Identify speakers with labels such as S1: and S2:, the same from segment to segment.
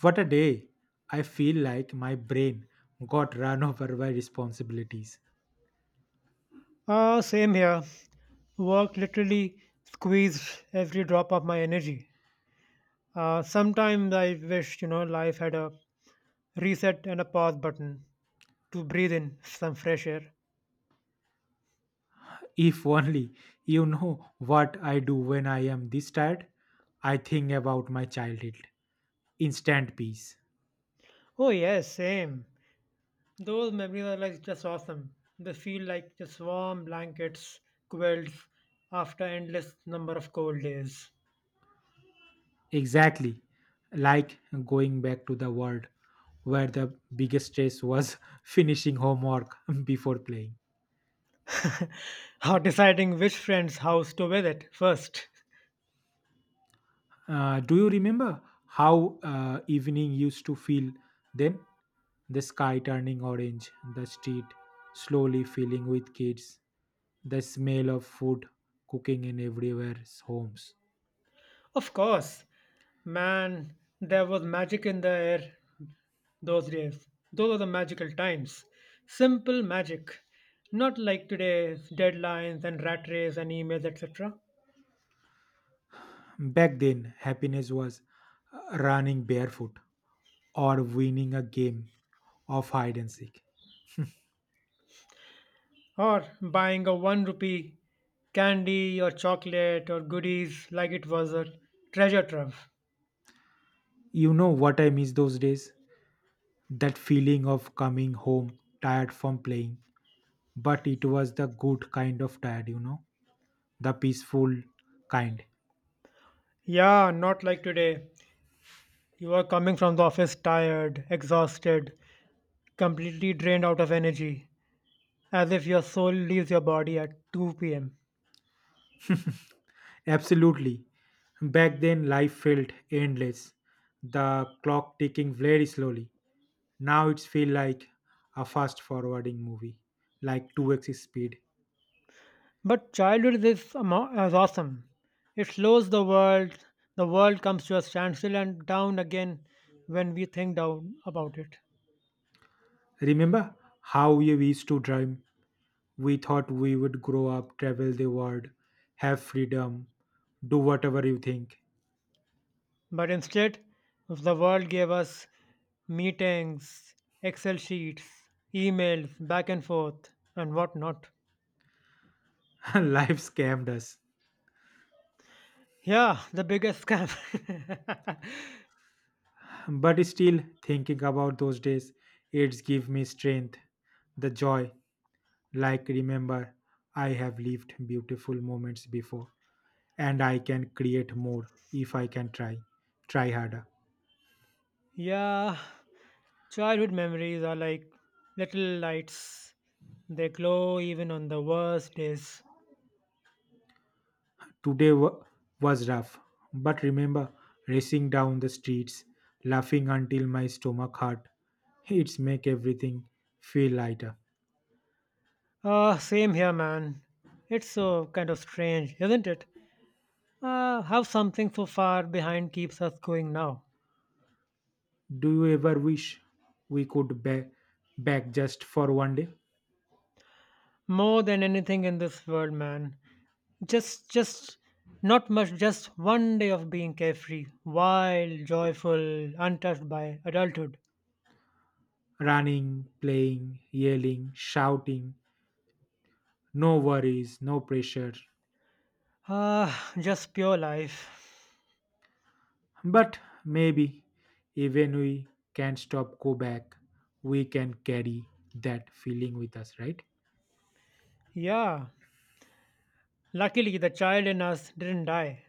S1: What a day! I feel like my brain got run over by responsibilities.
S2: Ah, same here. Work literally squeezed every drop of my energy. Sometimes I wish, you know, life had a reset and a pause button to breathe in some fresh air.
S1: If only you know what I do when I am this tired, I think about my childhood. Instant peace.
S2: Oh, yes, same. Those memories are like just awesome. They feel like just warm blankets, quilts, after endless number of cold days.
S1: Exactly. Like going back to the world where the biggest stress was finishing homework before playing.
S2: Or deciding which friend's house to visit first.
S1: Do you remember how evening used to feel then? The sky turning orange, the street slowly filling with kids, the smell of food cooking in everywhere's homes.
S2: Of course, man, there was magic in the air. Those days, those are the magical times. Simple magic. Not like today's deadlines and rat race and emails, etc.
S1: Back then, happiness was running barefoot or winning a game of hide and seek.
S2: Or buying a 1 rupee candy or chocolate or goodies like it was a treasure trove.
S1: You know what I miss those days? That feeling of coming home tired from playing, but it was the good kind of tired, you know. The peaceful kind.
S2: Yeah, not like today. You are coming from the office tired, exhausted, completely drained out of energy, as if your soul leaves your body at 2 pm.
S1: Absolutely. Back then, life felt endless, the clock ticking very slowly. Now it feels like a fast forwarding movie, like 2x speed.
S2: But childhood is, is awesome. It slows the world comes to a standstill and down again when we think down about it.
S1: Remember how we used to dream? We thought we would grow up, travel the world, have freedom, do whatever you think.
S2: But instead, the world gave us meetings, Excel sheets, emails, back and forth, and whatnot.
S1: Life scammed us.
S2: Yeah, the biggest scam.
S1: But still, thinking about those days, it's give me strength, the joy. Like, remember, I have lived beautiful moments before, and I can create more if I can try, try harder.
S2: Yeah, childhood memories are like little lights. They glow even on the worst days.
S1: Today was rough, but remember, racing down the streets, laughing until my stomach hurt, it's make everything feel lighter.
S2: Same here, man. It's so kind of strange, isn't it? How something so far behind keeps us going now.
S1: Do you ever wish we could be back just for one day?
S2: More than anything in this world, man. Just not much, just one day of being carefree, wild, joyful, untouched by adulthood.
S1: Running, playing, yelling, shouting, no worries, no pressure.
S2: Ah, just pure life.
S1: But maybe even we can stop, go back, we can carry that feeling with us, right?
S2: Yeah. Luckily, the child in us didn't die.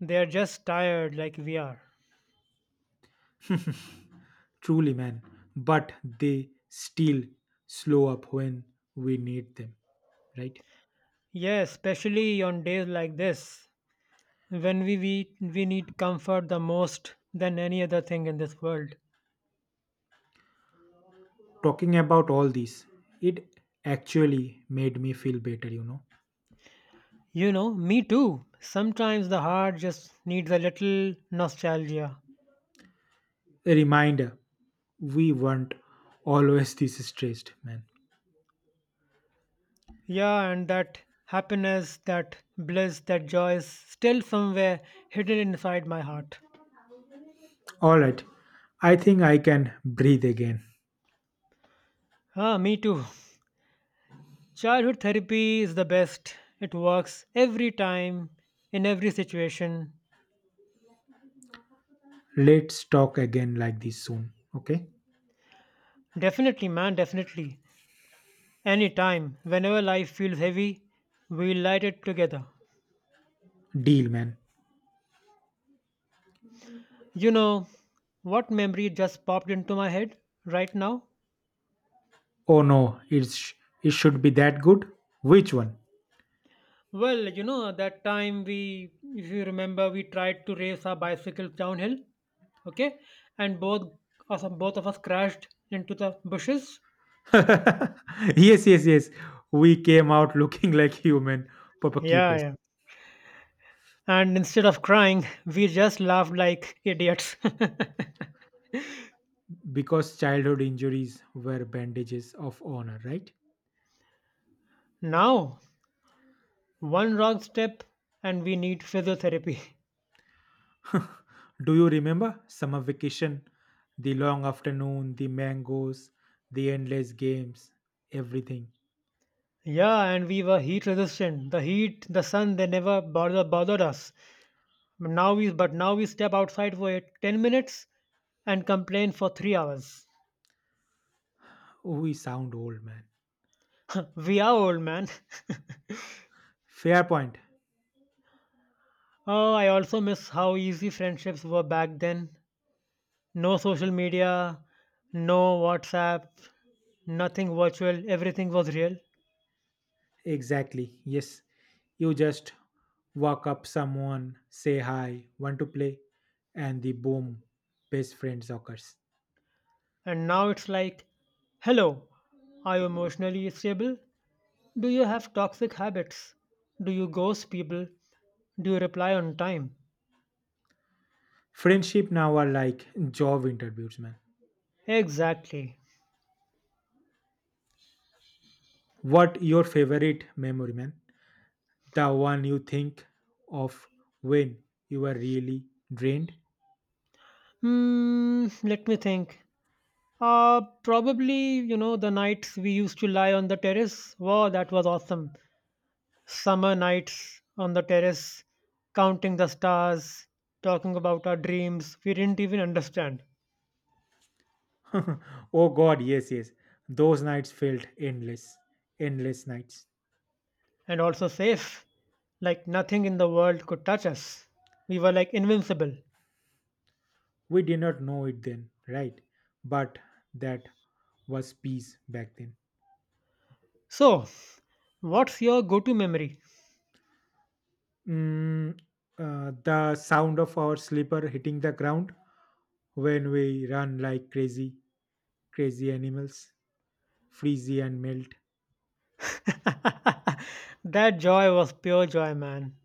S2: They are just tired like we are.
S1: Truly, man. But they still slow up when we need them, right?
S2: Yes, especially on days like this, when we need comfort the most than any other thing in this world.
S1: Talking about all this, it actually made me feel better, you know.
S2: You know, me too. Sometimes the heart just needs a little nostalgia.
S1: A reminder we weren't always this stressed, man.
S2: Yeah, and that happiness, that bliss, that joy is still somewhere hidden inside my heart.
S1: All right, I think I can breathe again.
S2: Ah, me too. Childhood therapy is the best. It works every time, in every situation.
S1: Let's talk again like this soon, okay?
S2: Definitely, man, definitely. Anytime whenever life feels heavy, we light it together.
S1: Deal, man.
S2: You know what memory just popped into my head right now?
S1: Oh no, it's it should be that good. Which one?
S2: Well, you know, that time we, if you remember, we tried to race our bicycles downhill, okay? And both of us crashed into the bushes.
S1: Yes, yes, yes. We came out looking like human
S2: Yeah,
S1: popocupus
S2: yeah. And instead of crying, we just laughed like idiots.
S1: because childhood injuries were bandages of honor, right?
S2: Now, one wrong step and we need physiotherapy.
S1: Do you remember summer vacation, the long afternoon, the mangoes, the endless games, everything?
S2: Yeah, and we were heat resistant. The heat, the sun, they never bothered us. Now we step outside for 10 minutes and complain for 3 hours.
S1: We sound old, man.
S2: We are old, man.
S1: Fair point.
S2: Oh, I also miss how easy friendships were back then. No social media, no WhatsApp, nothing virtual, everything was real.
S1: Exactly. Yes. You just walk up someone, say hi, want to play, and the boom, best friends occurs.
S2: And now it's like, hello, are you emotionally stable? Do you have toxic habits? Do you ghost people? Do you reply on time?
S1: Friendship now are like job interviews, man.
S2: Exactly.
S1: What your favorite memory, man? The one you think of when you were really drained?
S2: Hmm, let me think. Probably, you know, the nights we used to lie on the terrace. Wow, that was awesome. Summer nights on the terrace, counting the stars, talking about our dreams we didn't even understand.
S1: Oh God, yes, yes. Those nights felt endless, endless nights.
S2: And also safe, like nothing in the world could touch us. We were like invincible.
S1: We did not know it then, right? But that was peace back then.
S2: So, what's your go to memory?
S1: Mm, the sound of our slipper hitting the ground when we run like crazy, crazy animals, freeze and melt,
S2: That joy was pure joy, man.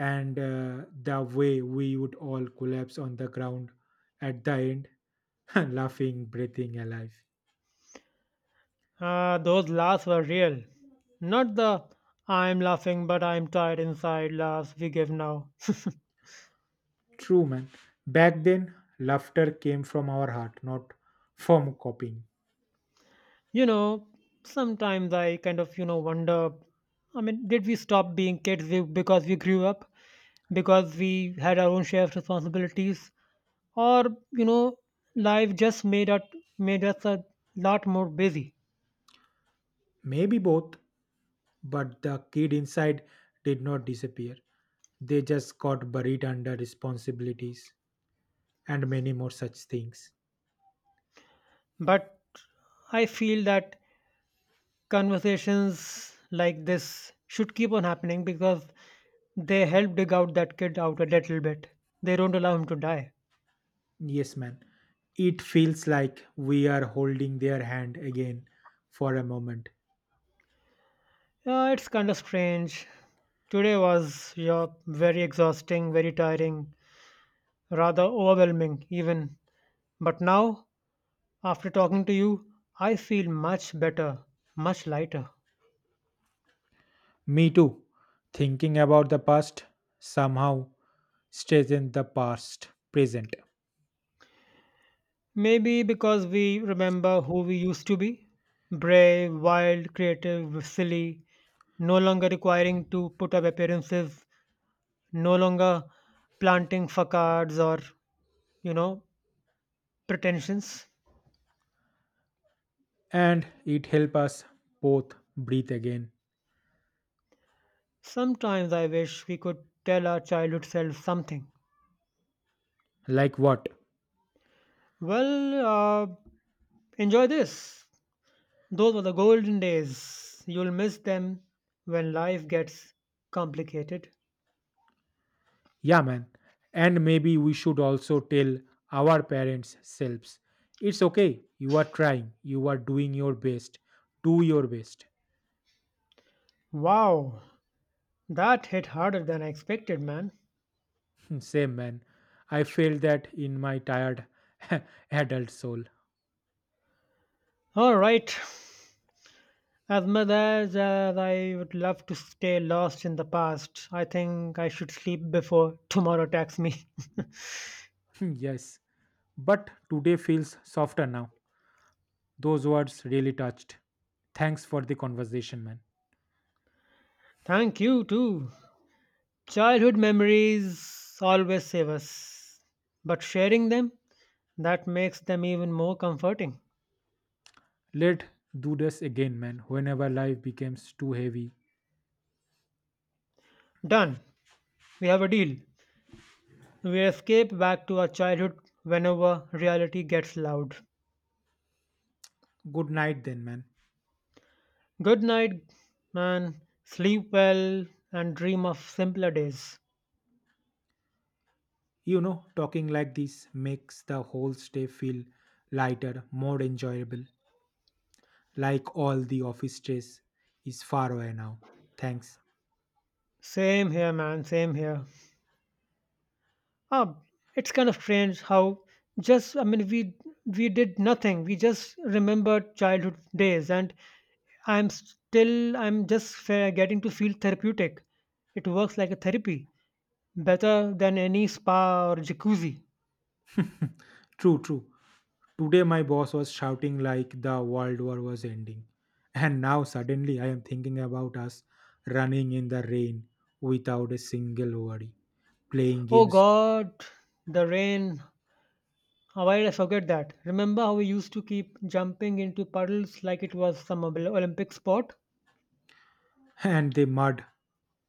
S1: and the way we would all collapse on the ground at the end, laughing, breathing alive.
S2: Ah, those laughs were real. Not the I'm laughing but I'm tired inside laughs we give now.
S1: True, man. Back then, laughter came from our heart, not from copying.
S2: You know, sometimes I kind of, you know, wonder, I mean, did we stop being kids because we grew up? Because we had our own share of responsibilities? Or, you know, life just made us a lot more busy.
S1: Maybe both, but the kid inside did not disappear. They just got buried under responsibilities and many more such things.
S2: But I feel that conversations like this should keep on happening, because they help dig out that kid out a little bit. They don't allow him to die.
S1: Yes, man. It feels like we are holding their hand again for a moment.
S2: It's kind of strange. Today was, yeah, very exhausting, very tiring, rather overwhelming, even. But now, after talking to you, I feel much better, much lighter.
S1: Me too. Thinking about the past somehow stays in the past present,
S2: Maybe because we remember who we used to be: brave, wild, creative, silly, no longer requiring to put up appearances, no longer planting facades or, you know, pretensions.
S1: and it helps us both breathe again.
S2: Sometimes I wish we could tell our childhood self something.
S1: Like what?
S2: Well, enjoy this. Those were the golden days. You'll miss them when life gets complicated.
S1: Yeah, man. And maybe we should also tell our parents selves it's okay, you are trying, you are doing your best, do your best.
S2: Wow, that hit harder than I expected, man.
S1: Same, man. I felt that in my tired adult soul.
S2: Alright, as I would love to stay lost in the past, I think I should sleep before tomorrow attacks me.
S1: Yes. But today feels softer now. Those words really touched. Thanks for the conversation, man.
S2: Thank you, too. Childhood memories always save us, but sharing them, that makes them even more comforting.
S1: Let do this again, man, whenever life becomes too heavy.
S2: Done. We have a deal. We escape back to our childhood whenever reality gets loud.
S1: Good night, then, man.
S2: Good night, man. Sleep well and dream of simpler days.
S1: You know, talking like this makes the whole stay feel lighter, more enjoyable, like all the office stress is far away now. Thanks.
S2: Same here, man. Same here. Ah, it's kind of strange how just we did nothing. We just remembered childhood days, and I'm still I'm just fe- getting to feel therapeutic. It works like a therapy, better than any spa or jacuzzi.
S1: True, true. Today my boss was shouting like the world war was ending. And now suddenly I am thinking about us running in the rain without a single worry, playing
S2: Oh
S1: games,
S2: God, the rain. How did I forget that? Remember how we used to keep jumping into puddles like it was some Olympic sport?
S1: and the mud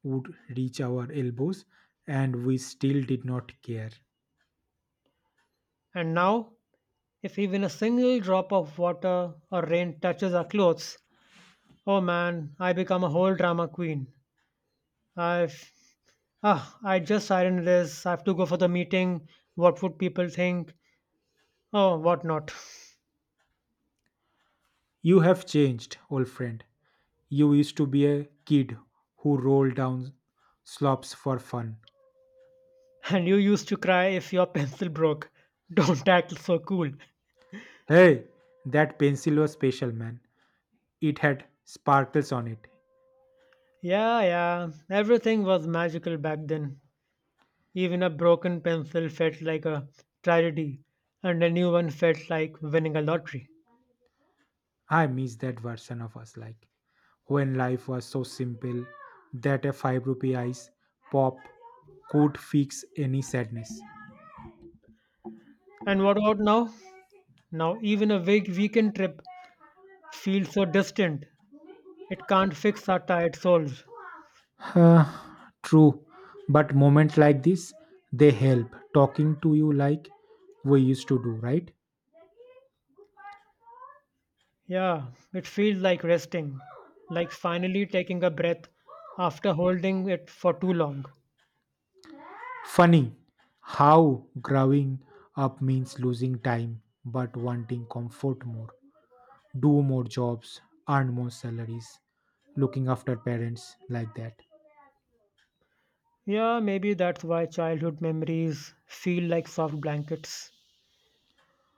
S1: would reach our elbows, and we still did not care.
S2: And now, if even a single drop of water or rain touches our clothes, oh man, I become a whole drama queen. I've I just siren this. I have to go for the meeting. What would people think? Oh, what not?
S1: You have changed, old friend. You used to be a kid who rolled down slopes for fun.
S2: And you used to cry if your pencil broke. Don't act so cool.
S1: Hey, that pencil was special, man. It had sparkles on it.
S2: Yeah, yeah. Everything was magical back then. Even a broken pencil felt like a tragedy, and a new one felt like winning a lottery.
S1: I miss that version of us, like when life was so simple that a 5 rupee ice pop could fix any sadness.
S2: And what about now? Now, even a weekend trip feels so distant. It can't fix our tired souls.
S1: Huh, true, but moments like this, they help talking to you like we used to do, right?
S2: Yeah, it feels like resting, like finally taking a breath after holding it for too long.
S1: Funny how growing up means losing time but wanting comfort more, do more jobs, earn more salaries, looking after parents like that.
S2: Yeah, maybe that's why childhood memories feel like soft blankets.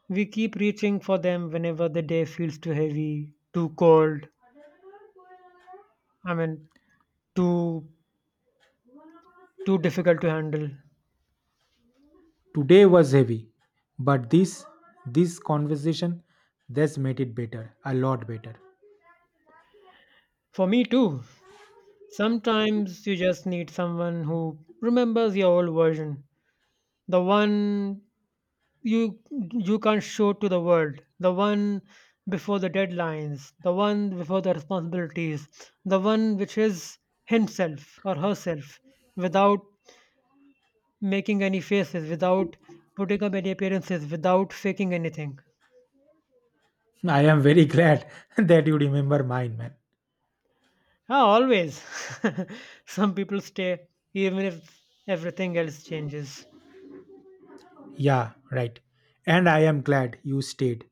S2: We keep reaching for them whenever the day feels too heavy, too cold. I mean, too too difficult to handle.
S1: Today was heavy, but this conversation this made it better, a lot better.
S2: For me too. Sometimes you just need someone who remembers your old version, the one you you can't show to the world, the one before the deadlines, the one before the responsibilities, the one which is himself or herself, without making any faces, without putting up any appearances, without faking anything.
S1: I am very glad that you remember mine, man.
S2: Ah, always. Some people stay even if everything else changes.
S1: Yeah, right. And I am glad you stayed.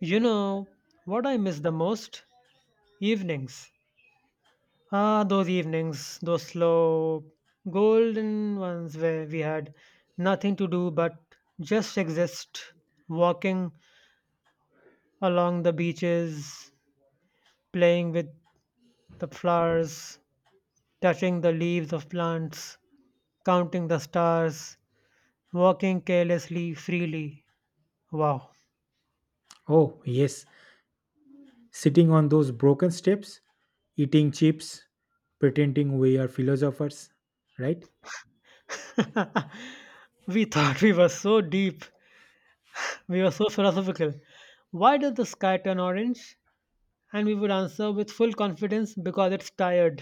S2: You know what I miss the most? Evenings. Ah, those evenings, those slow, golden ones where we had nothing to do but just exist, walking along the beaches, playing with the flowers, touching the leaves of plants, counting the stars, walking carelessly, freely. Wow.
S1: Oh, yes. Sitting on those broken steps, eating chips, pretending we are philosophers, right?
S2: We thought we were so deep, we were so philosophical. Why does the sky turn orange? And we would answer with full confidence, because it's tired.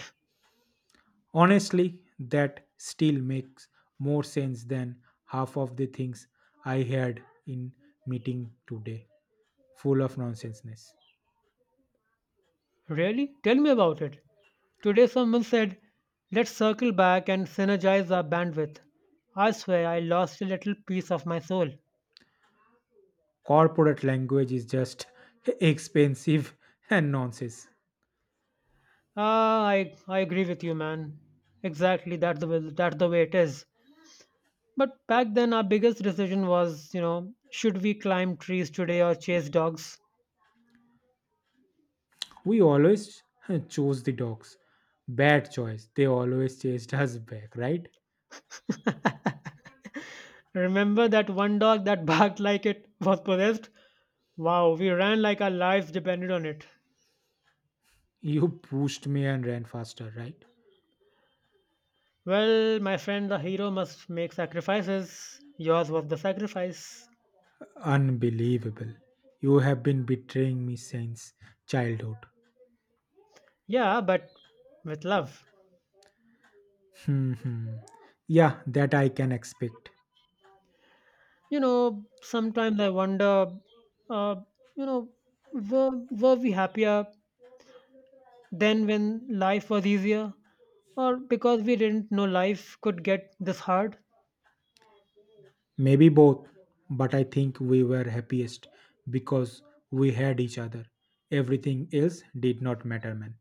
S1: Honestly, that still makes more sense than half of the things I heard in meeting today, full of nonsenseness.
S2: Really? Tell me about it. Today, someone said, let's circle back and synergize our bandwidth. I swear I lost a little piece of my soul.
S1: Corporate language is just expensive and nonsense.
S2: Ah, I agree with you, man. Exactly, that's the way it is. But back then, our biggest decision was, you know, should we climb trees today or chase dogs?
S1: We always chose the dogs. Bad choice. They always chased us back, right?
S2: Remember that one dog that barked like it was possessed? Wow, we ran like our lives depended on it.
S1: You pushed me and ran faster, right?
S2: Well, my friend, the hero must make sacrifices. Yours was the sacrifice.
S1: Unbelievable. You have been betraying me since childhood.
S2: Yeah, but with love.
S1: Hmm. Hmm. Yeah, that I can expect.
S2: You know, sometimes I wonder, uh, you know, were we happier then when life was easier? Or because we didn't know life could get this hard?
S1: Maybe both, but I think we were happiest because we had each other. Everything else did not matter, man.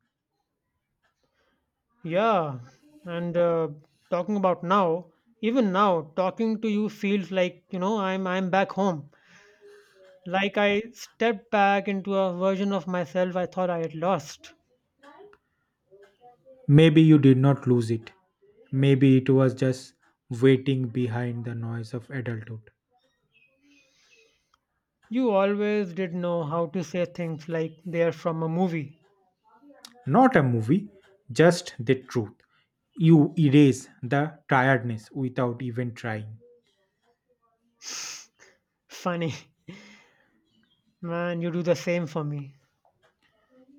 S2: Yeah, and talking about now, even now, talking to you feels like, you know, I'm back home. Like I stepped back into a version of myself I thought I had lost.
S1: Maybe you did not lose it. Maybe it was just waiting behind the noise of adulthood.
S2: You always did know how to say things like they're from a movie.
S1: Not a movie, just the truth. You erase the tiredness without even trying.
S2: Funny, man, you do the same for me.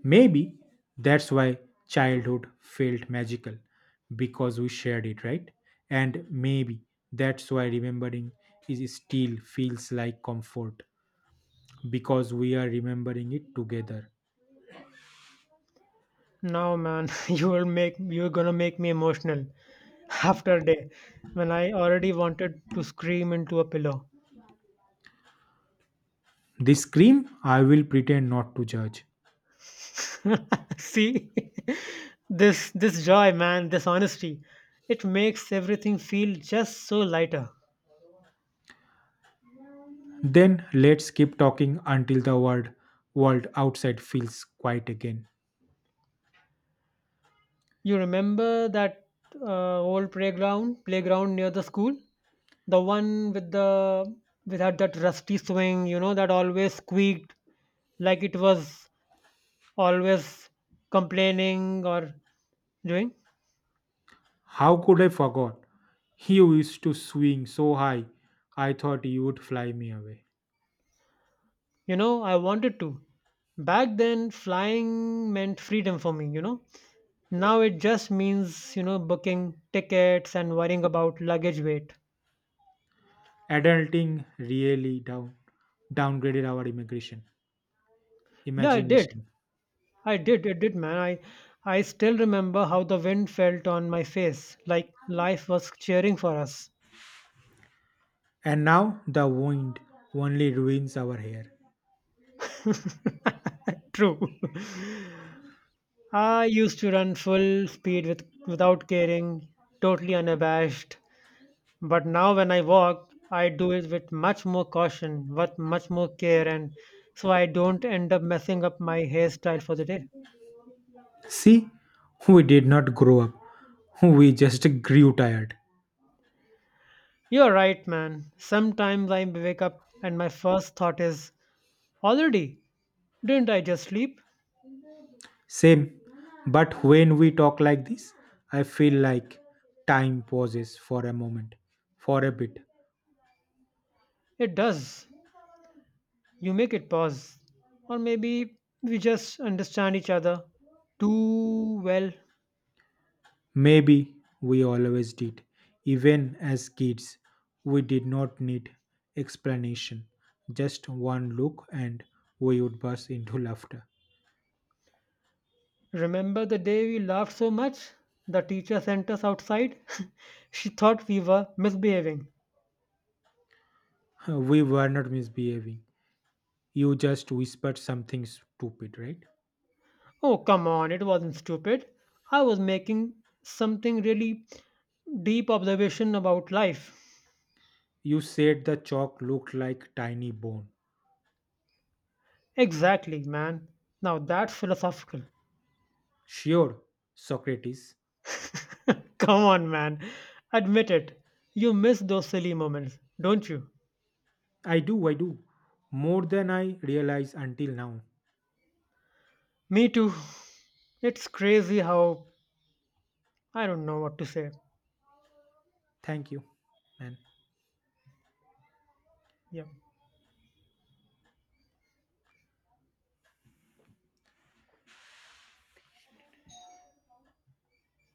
S1: Maybe that's why childhood felt magical because we shared it, right? And maybe that's why remembering is still feels like comfort because we are remembering it together.
S2: Now, man, you're gonna make me emotional after a day when I already wanted to scream into a pillow.
S1: This scream, I will pretend not to judge.
S2: See, this joy, man, this honesty. It makes everything feel just so lighter.
S1: Then let's keep talking until the world outside feels quiet again.
S2: You remember that playground near the school, the one with that rusty swing, you know, that always squeaked like it was always complaining or doing.
S1: How could I forget? You used to swing so high, I thought you would fly me away.
S2: You know, I wanted to. Back then, flying meant freedom for me, you know. Now it just means, you know, booking tickets and worrying about luggage weight.
S1: Adulting really downgraded our immigration
S2: Yeah, it did.
S1: imagination.
S2: I did. It did, man. I still remember how the wind felt on my face, like life was cheering for us.
S1: And now the wind only ruins our hair.
S2: True. I used to run full speed without caring, totally unabashed. But now when I walk, I do it with much more caution, with much more care, and so I don't end up messing up my hairstyle for the day.
S1: See, we did not grow up. We just grew tired.
S2: You're right, man. Sometimes I wake up and my first thought is, already? Didn't I just sleep?
S1: Same. But when we talk like this, I feel like time pauses for a moment, for a bit.
S2: It does. You make it pause. Or maybe we just understand each other too well.
S1: Maybe we always did. Even as kids, we did not need explanation. Just one look and we would burst into laughter.
S2: Remember the day we laughed so much? The teacher sent us outside? She thought we were misbehaving.
S1: We were not misbehaving. You just whispered something stupid, right?
S2: Oh, come on, it wasn't stupid. I was making something really deep observation about life.
S1: You said the chalk looked like tiny bone.
S2: Exactly, man. Now that's philosophical.
S1: Sure, Socrates.
S2: Come on, man. Admit it. You miss those silly moments, don't you?
S1: I do, I do. More than I realize until now.
S2: Me too. It's crazy how I don't know what to say.
S1: Thank you, man.
S2: Yeah.